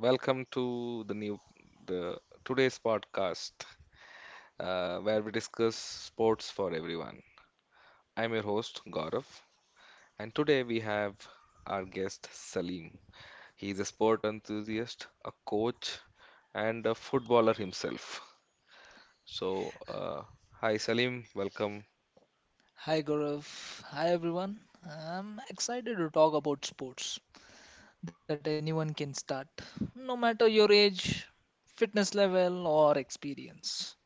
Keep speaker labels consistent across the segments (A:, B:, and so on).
A: Welcome to the new the today's podcast, where we discuss sports for everyone. I'm your host Gaurav, and today we have our guest Salim. He is a sport enthusiast, a coach, and a footballer himself. So, uh, hi Salim, welcome.
B: Hi Gaurav. Hi everyone. I'm excited to talk about sports that anyone can start, no matter your age, fitness level, or experience.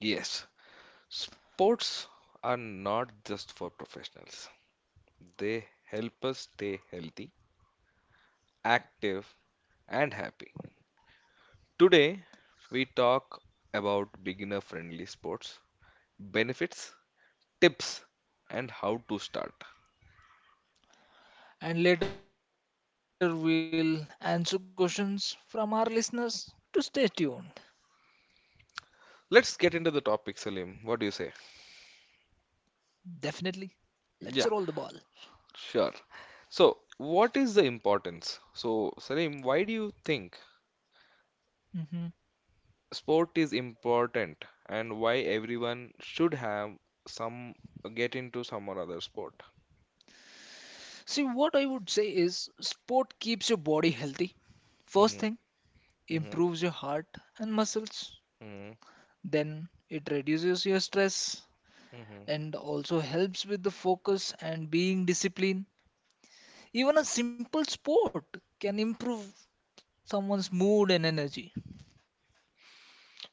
A: Yes, sports are not just for professionals. They help us stay healthy, active, and happy. Today, we talk about beginner friendly sports, benefits, tips, and how to start.
B: And later we'll answer questions from our listeners to stay tuned.
A: Let's get into the topic, Salim. What do you say?
B: Definitely. Let's roll the ball.
A: Yeah, sure. So, what is the importance? So, Salim, why do you think
B: hmm
A: sport is important and why everyone should have some get into some or other sport?
B: See, what I would say is sport keeps your body healthy. First
A: Hmm.
B: thing,
A: Hmm.
B: improves your heart and muscles.
A: Hmm.
B: Then it reduces your stress
A: Hmm.
B: and also helps with the focus and being disciplined. Even a simple sport can improve someone's mood and energy.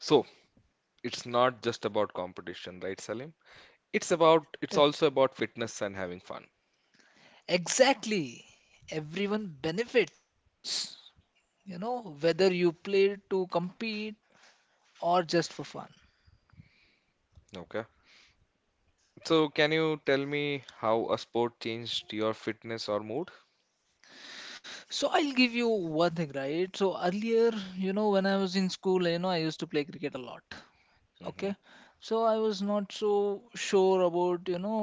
A: So, it's not just about competition, right, Salim? It's
B: It-
A: also about fitness and having fun.
B: exactly. Everyone benefits, you know, whether you play to compete or just for fun.
A: Okay. So can you tell me how a sport changed your fitness or mood?
B: So I'll give you one thing, right? So earlier, you know, when I was in school, you know, I used to play cricket a lot. Okay,
A: Mm-hmm.
B: so I was not so sure about, you know,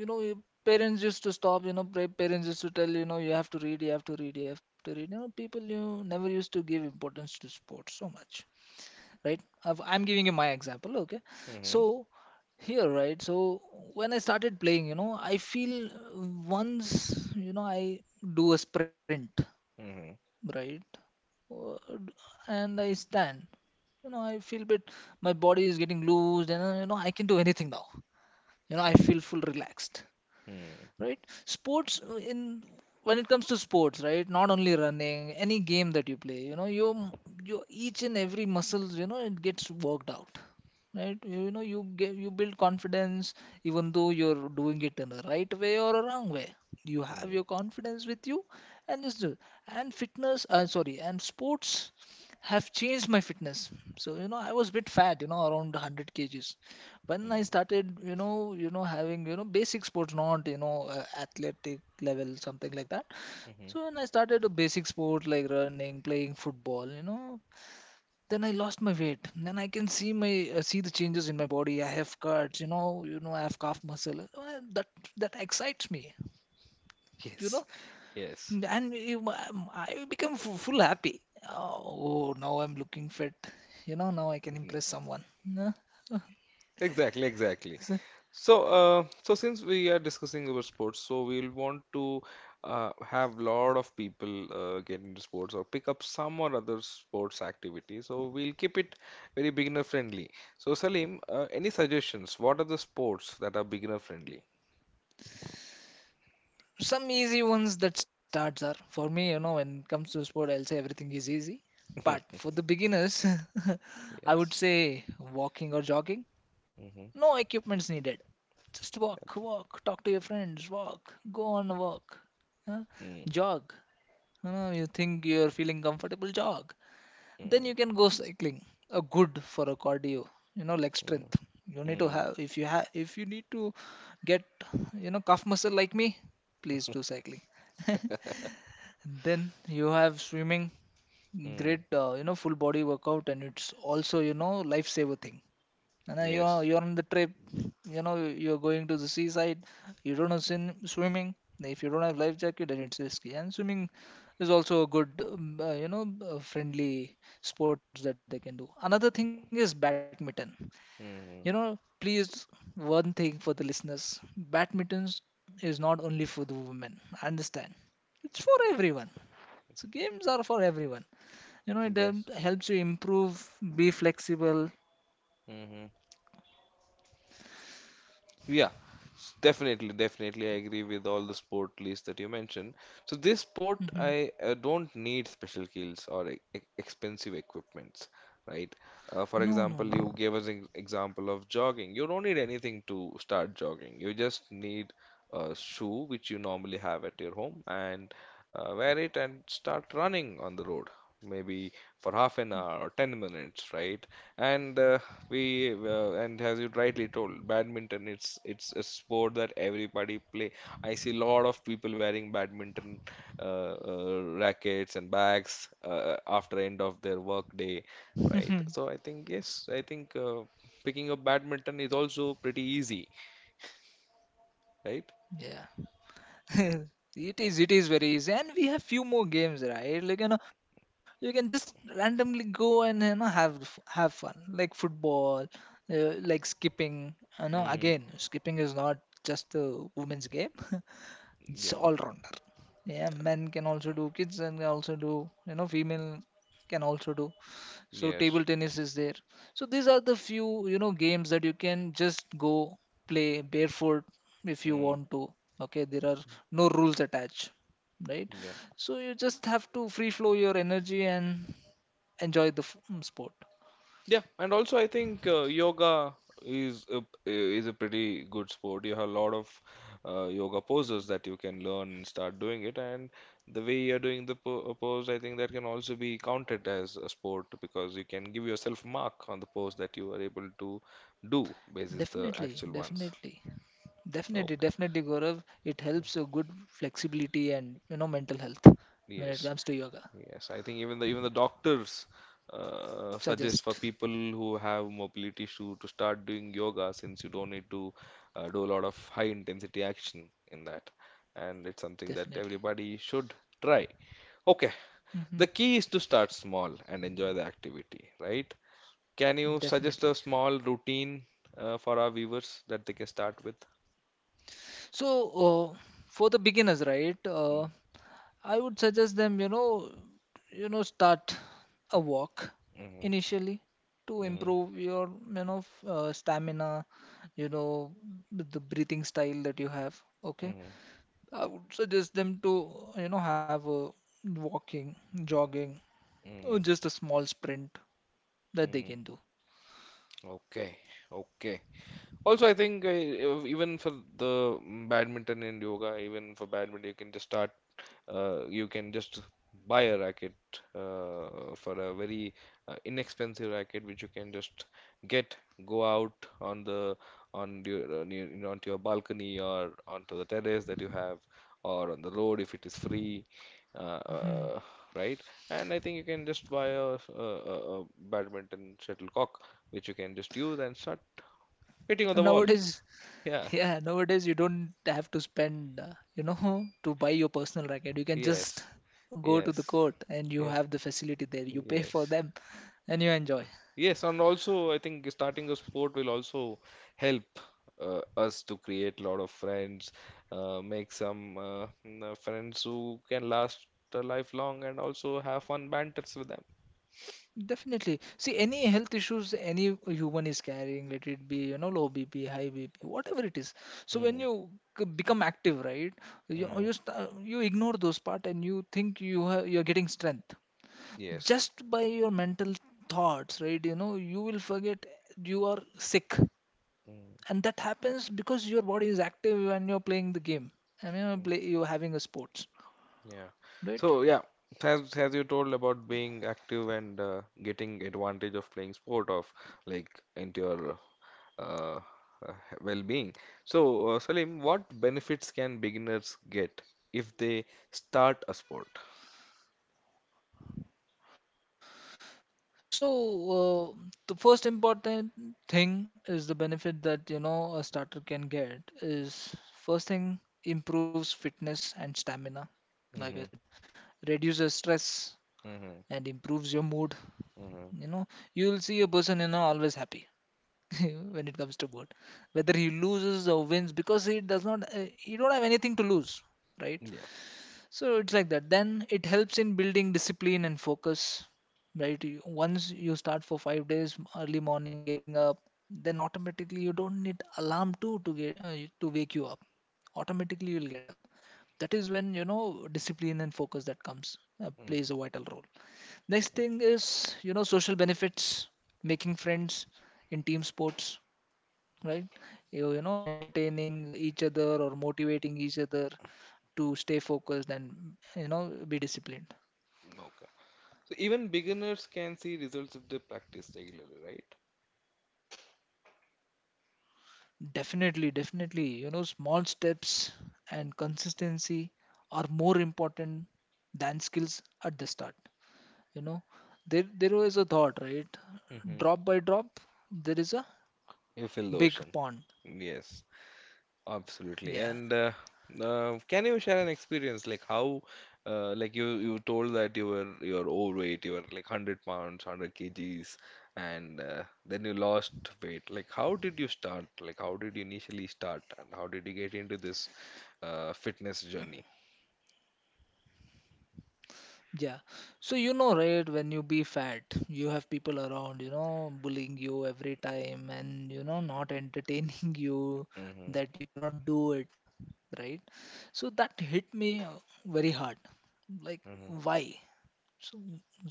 B: you know your parents used to stop, you know, parents used to tell, you know, you have to read, you have to read, you have to read, you know, people you never used to give importance to sports so much, right? I'm giving you my example, okay? So
A: Mm-hmm.
B: here, right? So when I started playing, you know, I feel, once, you know, I do a sprint,
A: Mm-hmm.
B: right? Uh, And I stand. You know, I feel bit. My body is getting loose, and you know I can do anything now. You know, I feel full relaxed,
A: Mm-hmm.
B: right? Sports, in, when it comes to sports, right, not only running, any game that you play, you know, you, each and every muscle, you know, it gets worked out, right? You know, you get, you build confidence, even though you're doing it in a right way or a wrong way, you have
A: Mm-hmm.
B: your confidence with you and just do. And fitness sorry and sports have changed my fitness. So you know I was a bit fat, you know, around 100 kgs when
A: Mm-hmm.
B: I started, you know, having, you know, basic sports, not, you know, athletic level, something like that. So
A: Mm-hmm.
B: when I started a basic sport like running, playing football, you know, then I lost my weight. Then I can see my see the changes in my body. I have cuts, you know, I have calf muscle. So, that excites me, you
A: Yes.
B: know,
A: Yes.
B: and I become full happy. Oh, now I'm looking fit. You know, now I can
A: Mm-hmm.
B: impress someone. Huh?
A: Exactly, exactly. So since we are discussing about sports, so we'll want to have lot of people get into sports or pick up some or other sports activity. So we'll keep it very beginner friendly. So Salim, any suggestions? What are the sports that are beginner friendly?
B: Some easy ones that starts are for me, you know, when it comes to sport, I'll say everything is easy, but for the beginners I would
A: Yes.
B: say walking or jogging.
A: Mm-hmm. Yep.
B: No equipments needed. Just walk, walk, talk to your friends, walk, go on a walk. Huh?
A: Mm.
B: Jog. You know, you think you're feeling comfortable, jog. Then
A: Mm.
B: you can go cycling, a good for a cardio, you know, leg
A: Mm.
B: strength. You need to
A: Mm.
B: have, if you have, if you need to get, you know, calf muscle like me, please do cycling. And then you have swimming,
A: Mm.
B: great, you know, full body workout, and it's also, you know, lifesaver thing. And then you are,
A: Yes.
B: you're on the trip, you know, you're going to the seaside. You don't know swimming. If you don't have life jacket, then it's risky. And swimming is also a good, you know, friendly sports that they can do. Another thing is badminton. You know,
A: Mm-hmm.
B: please, one thing for the listeners: badminton is not only for the women. Understand? It's for everyone, so games are for everyone. You know, it
A: Yes.
B: helps you improve, be flexible.
A: Mm-hmm. Yeah, definitely, definitely. I agree with all the sport lists that you mentioned. So this sport, I
B: hmm
A: don't need special kills or expensive equipments, right? For
B: No,
A: example,
B: no,
A: you
B: no.
A: gave us an example of jogging. You don't need anything to start jogging. You just need a shoe which you normally have at your home and wear it and start running on the road. Maybe for half an hour or 10 minutes, right? And we and as you rightly told, badminton, it's a sport that everybody play. I see a lot of people wearing badminton uh, rackets and bags after end of their work day,
B: Mhm.
A: right? So I think yes, I think picking up badminton is also pretty easy, right?
B: Yeah. It is, it is very easy, and we have few more games, right, like, you know, you can just randomly go and, you know, have have fun, like football, like skipping. You know, again,
A: Mm-hmm.
B: skipping is not just a women's game. It's all
A: Yep.
B: rounder. Yeah, men can also do, kids and also do, you know, female can also do. So
A: Yes.
B: table tennis is there. So these are the few, you know, games that you can just go play barefoot if you
A: Mm.
B: want to. Okay, there are no rules attached, right?
A: Yeah.
B: So you just have to free flow your energy and enjoy the sport.
A: Yeah, and also I think yoga is is a pretty good sport. You have a lot of yoga poses that you can learn and start doing it. And the way you're doing the po pose, I think that can also be counted as a sport because you can give yourself mark on the pose that you are able to do basis the
B: Definitely,
A: actual ones.
B: definitely, definitely,
A: Okay.
B: definitely, Gaurav. It helps a good flexibility and, you know, mental health when it
A: Yes,
B: comes to yoga.
A: yes. I think even the doctors suggest for
B: Suggest
A: people who have mobility issue to start doing yoga since you don't need to do a lot of high intensity action in that. And it's something that
B: definitely.
A: everybody should try. Okay,
B: hmm
A: the key is to start small and enjoy the activity, right? Can you
B: Definitely.
A: suggest a small routine for our viewers that they can start with?
B: So, for the beginners, right,
A: Mm-hmm.
B: I would suggest them, you know, start a walk initially to
A: Mm-hmm.
B: improve your, you know, stamina, you know, the breathing style that you have. Okay,
A: Mm-hmm.
B: I would suggest them to, you know, have a walking, jogging, or
A: Mm-hmm.
B: just a small sprint that they
A: Mm-hmm.
B: can do.
A: Okay, okay. Also, I think even for the badminton and yoga, even for badminton, you can just start. You can just buy a racket for a very inexpensive racket, which you can just get, go out on the you know, onto your balcony or onto the terrace that you have, or on the road if it is free, uh,
B: Mhm.
A: uh, right? And I think you can just buy a badminton shuttlecock, which you can just use and start hitting on
B: And
A: the wall.
B: nowadays,
A: Yeah.
B: yeah, nowadays you don't have to spend, you know, to buy your personal racket. You can
A: Yes.
B: just go to the
A: Yes.
B: court and you
A: Yeah.
B: have the facility there. You pay for
A: Yes.
B: them and you enjoy.
A: Yes. And also, I think starting a sport will also help us to create a lot of friends, make some friends who can last a lifelong and also have fun banters with them.
B: Definitely. See, any health issues any human is carrying, let it be, you know, low BP, high BP, whatever it is. So when
A: Hmm.
B: you become active, right, you
A: Mm,
B: you, st- you ignore those part and you think you have, you're getting strength
A: yes.
B: just by your mental thoughts, right? You know, you will forget you are sick,
A: Mm,
B: and that happens because your body is active when you're playing the game and you're, you're having a sports,
A: yeah. So
B: right?
A: yeah, as you told about being active and getting advantage of playing sport of like into your uh, uh, well-being. So, Salim, what benefits can beginners get if they start a sport?
B: So, the first important thing is the benefit that, you know, a starter can get is, first thing, improves fitness and stamina, like I
A: Mm-hmm.
B: said, reduces stress
A: Mm-hmm.
B: and improves your mood.
A: Mm-hmm.
B: You know, you'll see a person, you know, always happy when it comes to board, whether he loses or wins, because he does not he don't have anything to lose, right?
A: Yeah.
B: So it's like that. Then it helps in building discipline and focus, right? Once you start for 5 days early morning, getting up, then automatically you don't need alarm too to get to wake you up. Automatically you'll get up. That is when you know discipline and focus that comes plays a
A: Mm-hmm.
B: vital role. Next thing is, you know, social benefits, making friends in team sports, right? You know, entertaining each other or motivating each other to stay focused and, you know, be disciplined.
A: Okay. So even beginners can see results if they practice regularly, right?
B: Definitely, definitely. You know, small steps and consistency are more important than skills at the start. You know, there was a thought, right?
A: Mm-hmm.
B: Drop by drop, there is a
A: You feel the ocean.
B: big pond.
A: Yes. Absolutely. And
B: Yeah,
A: can you share an experience, like how, like you told that you were overweight, you were like 100 pounds, 100 kgs, and then you lost weight. Like how did you start? Like how did you initially start, and how did you get into this fitness journey?
B: yeah. So you know, right, when you be fat, you have people around, you know, bullying you every time and, you know, not entertaining you,
A: Mm-hmm.
B: that you cannot do it, right? So that hit me very hard, like,
A: Mm-hmm.
B: why? so,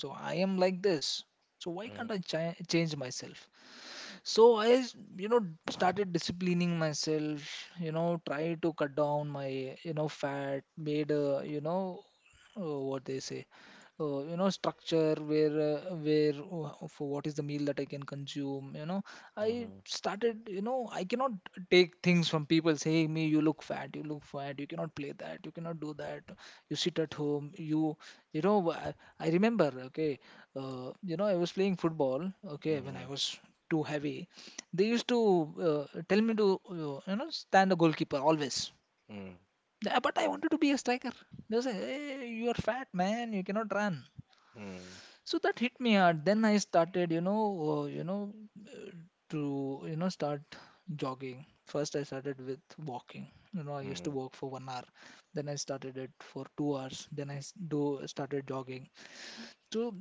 B: so I am like this. So why can't I change myself? So you know, started disciplining myself, you know, tried to cut down my, you know, fat, made, you know, what they say, you know, structure where where, for what is the meal that I can consume, you know.
A: Mm-hmm.
B: I started, you know, I cannot take things from people saying me you look fat, you look fat, you cannot play that, you cannot do that, you sit at home, you know, I remember, okay, you know, I was playing football, okay, when
A: Mm-hmm.
B: I was too heavy. They used to tell me to, you know, stand a goalkeeper always.
A: Mm-hmm.
B: But I wanted to be a striker. They say, hey, you are fat, man, you cannot run.
A: Mm-hmm.
B: So that hit me hard. Then I started, you know, uh, to, you know, start jogging. First, I started with walking. You know, I used to
A: Mm-hmm.
B: walk for 1 hour. Then I started it for 2 hours. Then I s- do started jogging. So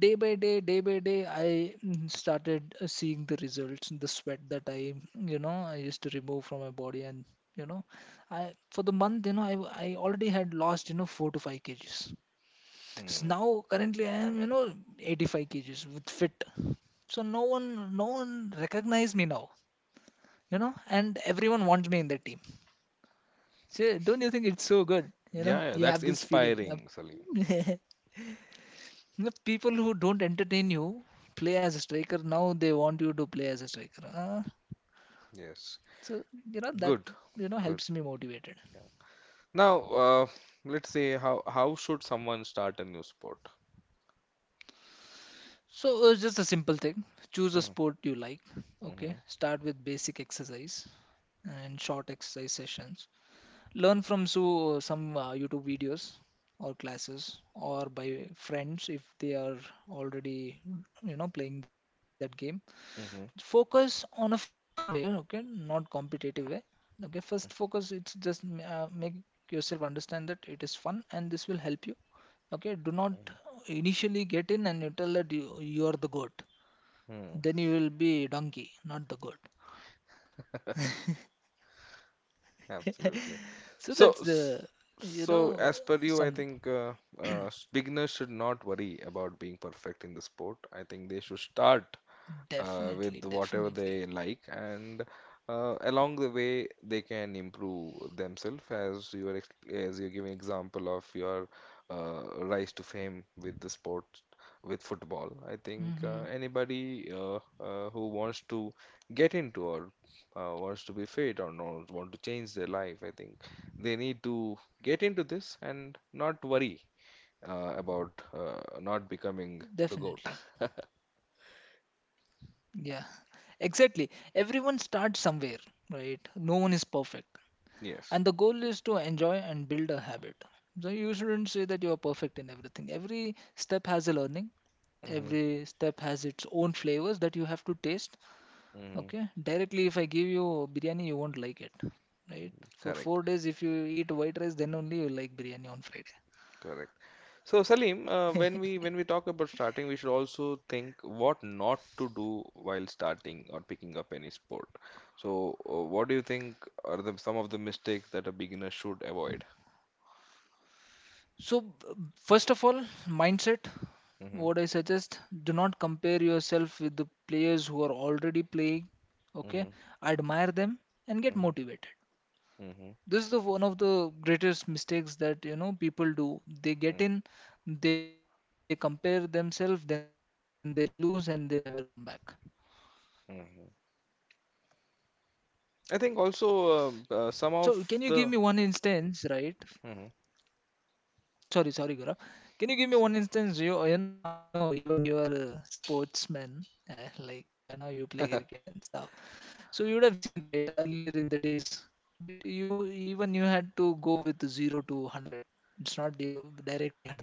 B: day by day, I started seeing the results, the sweat that I, you know, I used to remove from my body, and, you know, I for the month, you know, I already had lost, you know, 4 to 5 kgs.
A: Mm-hmm.
B: So now currently I am, you know, 85 kgs with fit. So no one, no one recognized me now, you know, and everyone wants me in their team. So don't you think it's so good? You know,
A: Yeah, yeah,
B: you
A: that's
B: have this feeling
A: inspiring,
B: of-
A: Salim.
B: The people who don't entertain you play as a striker, now they want you to play as a striker.
A: Yes.
B: So, you know, that,
A: Good.
B: you know,
A: Good.
B: helps me motivated.
A: Now, let's say how should someone start a new sport?
B: So, just a simple thing. Choose a
A: Mm.
B: sport you like. Okay.
A: Mhm.
B: Start with basic exercise and short exercise sessions. Learn from some YouTube videos or classes or by friends if they are already, playing that game.
A: Mhm.
B: Focus on a fun way, okay, not competitive way. Okay, first focus, it's just make yourself understand that it is fun and this will help you. Okay, do
A: Mhm.
B: not initially get in and you tell that you are the goat,
A: Mhm.
B: then you will be donkey not the goat.
A: Absolutely.
B: So
A: So,
B: that's
A: s-
B: the, you
A: so,
B: know,
A: as per you, I
B: some.
A: think beginners should not worry about being perfect in the sport. I think they should start
B: definitely
A: with whatever
B: definitely
A: they like, and along the way they can improve themselves. As you give an example of your uh, rise to fame with the sport, with football. I think
B: hmm
A: anybody who wants to get into or wants to be fit or no, want to change their life, I think they need to get into this and not worry about not becoming the goat.
B: definitely. Yeah, exactly, everyone starts somewhere, right? No one is perfect,
A: Yes.
B: and the goal is to enjoy and build a habit. So you shouldn't say that you are perfect in everything. Every step has a learning.
A: Hmm.
B: Every step has its own flavors that you have to taste.
A: Hmm.
B: Okay, directly, if I give you biryani, you won't like it, right?
A: Correct.
B: For 4 days, if you eat white rice, then only you like biryani on Friday.
A: Correct. So Salim, when we talk about starting, we should also think what not to do while starting or picking up any sport. So, what do you think are the some of the mistakes that a beginner should avoid?
B: So first of all, mindset.
A: Hmm.
B: What I suggest: do not compare yourself with the players who are already playing. Okay,
A: Hmm.
B: admire them and get
A: Hmm.
B: motivated.
A: Hmm.
B: This is the one of the greatest mistakes that people do. They get in, they compare themselves, then they lose and they never come back.
A: Hmm. I think also
B: So can you give
A: some
B: me one
A: of the.
B: instance, right?
A: Mhm.
B: Sorry, sorry, Gaurav. Can you give me one instance? I know even you are a sportsman, like, you play cricket and stuff. So you would have seen, right? Earlier in the days, right, you had to go with 0 to 100. It's not directly 100. Mm-hmm.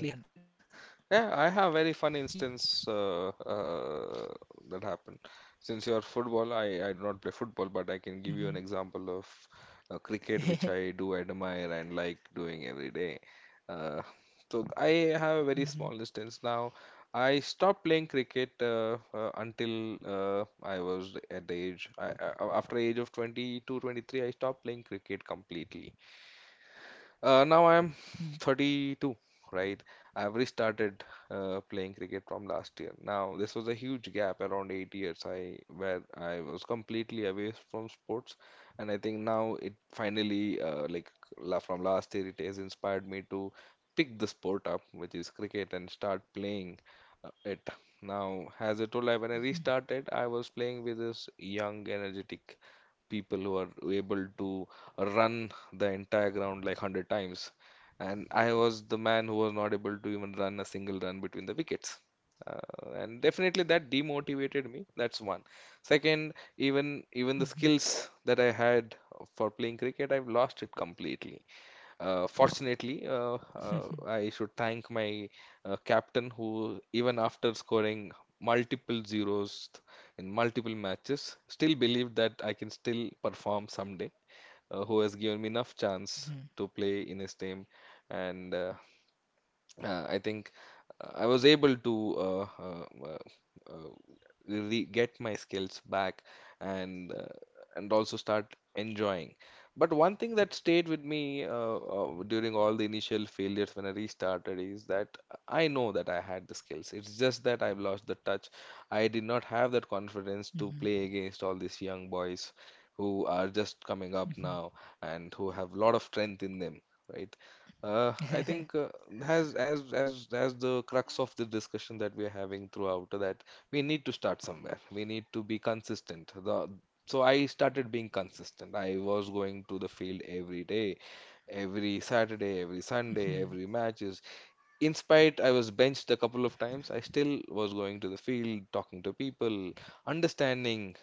A: Yeah, I have very fun instance that happened. Since you're football, I do not play football, but I can give you an example of
B: Mm-hmm.
A: cricket, which I do admire and like doing every day. Uh, so I have a very small instance now. I stopped playing cricket until I was at the age, after age of 22, 23, I stopped playing cricket completely. Now I'm 32, right? I've restarted playing cricket from last year. Now, this was a huge gap, around 8 years, I where I was completely away from sports, and I think now it finally, like la from last year, it has inspired me to pick the sport up, which is cricket, and start playing it. Now, as I told, I when I restarted, I was playing with this young, energetic people who are able to run the entire ground like 100 times. And I was the man who was not able to even run a single run between the wickets. And definitely that demotivated me. That's one. Second, even the skills that I had for playing cricket, I've lost it completely. Fortunately,
B: Mm-hmm.
A: I should thank my captain who, even after scoring multiple zeros in multiple matches, still believed that I can still perform someday, who has given me enough chance
B: Mhm,
A: to play in his team. And I think I was able to really get my skills back and uh, and also start enjoying. But one thing that stayed with me during all the initial failures when I restarted is that I know that I had the skills. It's just that I've lost the touch. I did not have that confidence to
B: mhm,
A: play against all these young boys who are just coming up now
B: mhm.
A: and who have a lot of strength in them, right? I think as as the crux of the discussion that we are having throughout that we need to start somewhere. We need to be consistent. The so I started being consistent. I was going to the field every day, every Saturday, every
B: Mhm,
A: Sunday, every matches. In spite I was benched a couple of times, I still was going to the field, talking to people, understanding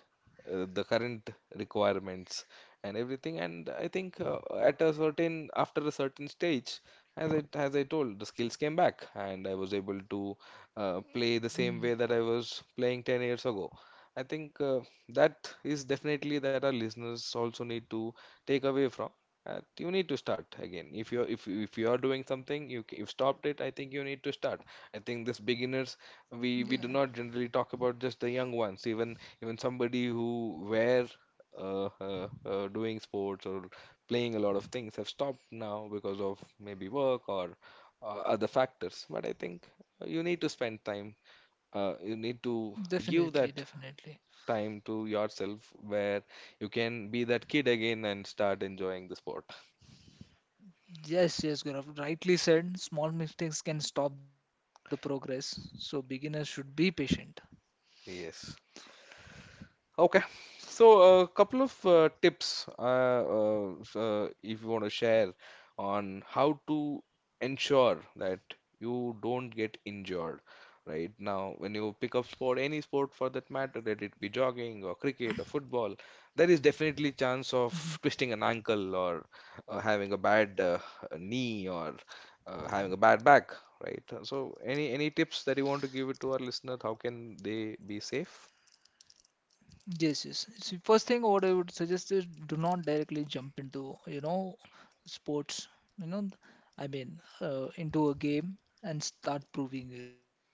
A: the current requirements and everything, and I think at a certain after a certain stage, as it as I told, the skills came back, and I was able to
B: mhm.
A: play the same way that I was playing 10 years ago. I think that is definitely that our listeners also need to take away from. You need to start again if you're, if you're doing something, you've stopped it, I think you need to start. I think this beginners,
B: Yeah,
A: we do not generally talk about just the young ones, even somebody who were doing sports or playing a lot of things have stopped now because of maybe work or uh, other factors. But I think you need to spend time. You need to give
B: definitely,
A: that
B: definitely.
A: time to yourself where you can be that kid again and start enjoying the sport.
B: Yes, yes, Gaurav. Rightly said, small mistakes can stop the progress, so beginners should be patient.
A: Yes. Okay, so a couple of tips, if you want to share on how to ensure that you don't get injured. Right now when you pick up sport, any sport for that matter, let it be jogging or cricket or football, there is definitely chance
B: Mm-hmm.
A: of twisting an ankle or having a bad knee or having a bad back, right? So any tips that you want to give it to our listener, how can they be safe?
B: Yes, yes. So first thing what I would suggest is, do not directly jump into, sports, you know, I mean, into a game and start proving yourself.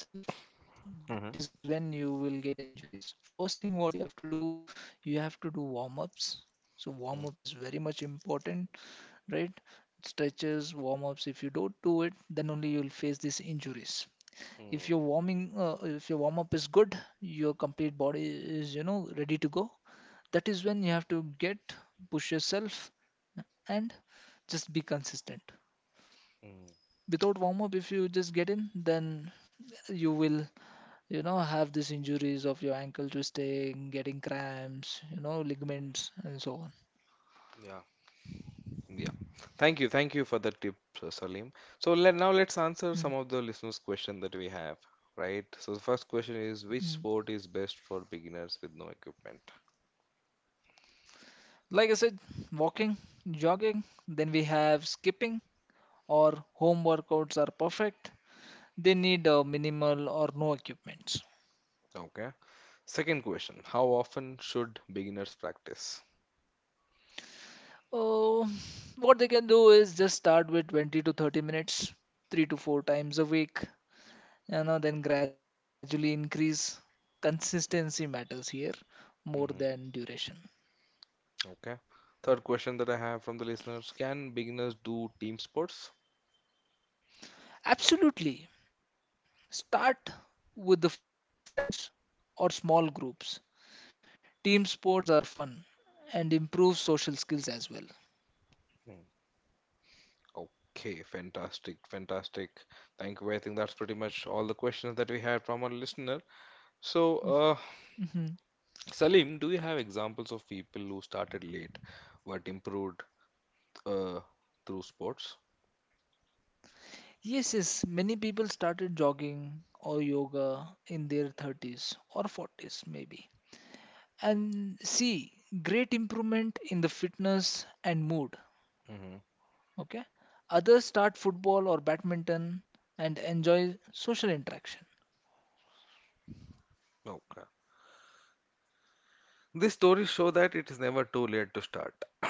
B: That is when you will get
A: Hmm.
B: injuries. First thing what you have to do, you have to do warm-ups. So warm-up is very much important, right? Stretches, warm-ups. If you don't do it, then only you'll face these injuries.
A: Mm.
B: If your warm up is good, your complete body is ready to go. That is when you have to get push yourself and just be consistent.
A: Mm,
B: Without warm up, if you just get in, then you will have these injuries of your ankle twisting, getting cramps, ligaments, and so on.
A: yeah, yeah. Thank you for the tip, Salim. So let now let's answer some of the
B: Mm,
A: listeners' question that we have, right? So the first question is, which
B: mm.
A: sport is best for beginners with no equipment?
B: Like I said, walking, jogging, then we have skipping, or home workouts are perfect. They need minimal or no equipment.
A: Okay. Second question, how often should beginners practice?
B: Uh, what they can do is just start with 20 to 30 minutes, 3 to 4 times a week, then gradually increase. Consistency matters here more than duration.
A: Hmm. Okay. Third question that I have from the listeners, can beginners do team sports?
B: Absolutely. Start with the friends or small groups. Team sports are fun and improve social skills as well.
A: Mm. Okay, fantastic, fantastic. Thank you. I think that's pretty much all the questions that we had from our listener. So,
B: Mhm.
A: Salim, do you have examples of people who started late but improved uh, through sports?
B: Yes, yes, many people started jogging or yoga in their 30s or 40s, maybe, and see great improvement in the fitness and mood.
A: Hmm.
B: Okay, others start football or badminton and enjoy social interaction.
A: Okay. These stories show that it is never too late to start.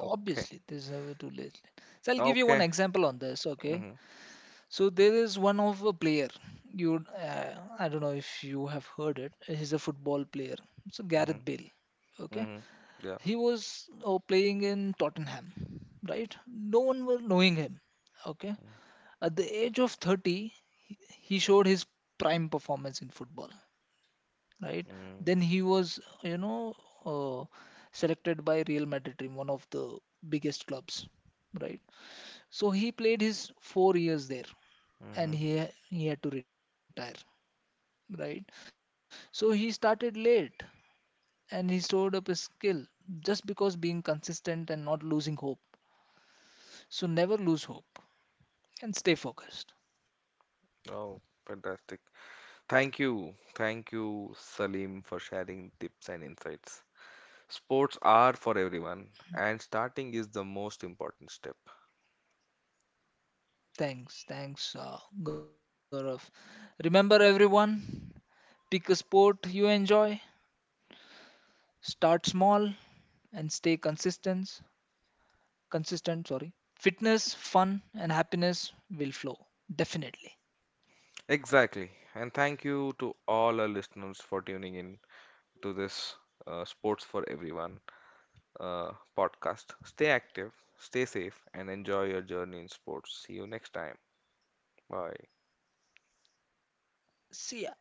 A: Okay.
B: Obviously this is never too late, so I'll give you one
A: Okay.
B: example on this. Okay,
A: Hmm.
B: so there is one of a player, you uh, I don't know if you have heard it, he's a football player. So Gareth
A: Hmm.
B: Bale. Okay,
A: Hmm. Yeah.
B: he was playing in Tottenham, right? No one were knowing him. Okay, at the age of 30, he showed his prime performance in football, right?
A: Mm-hmm.
B: Then he was, uh, selected by Real Madrid team, one of the biggest clubs, right? So he played his 4 years there,
A: Hmm.
B: and he had to retire, right? So he started late, and he stored up his skill just because being consistent and not losing hope. So never lose hope and stay focused.
A: Oh, fantastic. Thank you. Thank you, Salim, for sharing tips and insights. Sports are for everyone, and starting is the most important step.
B: Thanks, thanks, Gaurav. Remember, everyone, pick a sport you enjoy, start small, and stay consistent. Consistent, sorry. Fitness, fun, and happiness will flow. Definitely.
A: Exactly. And thank you to all our listeners for tuning in to this Sports for Everyone uh, podcast. Stay active, stay safe, and enjoy your journey in sports. See you next time. Bye.
B: See ya.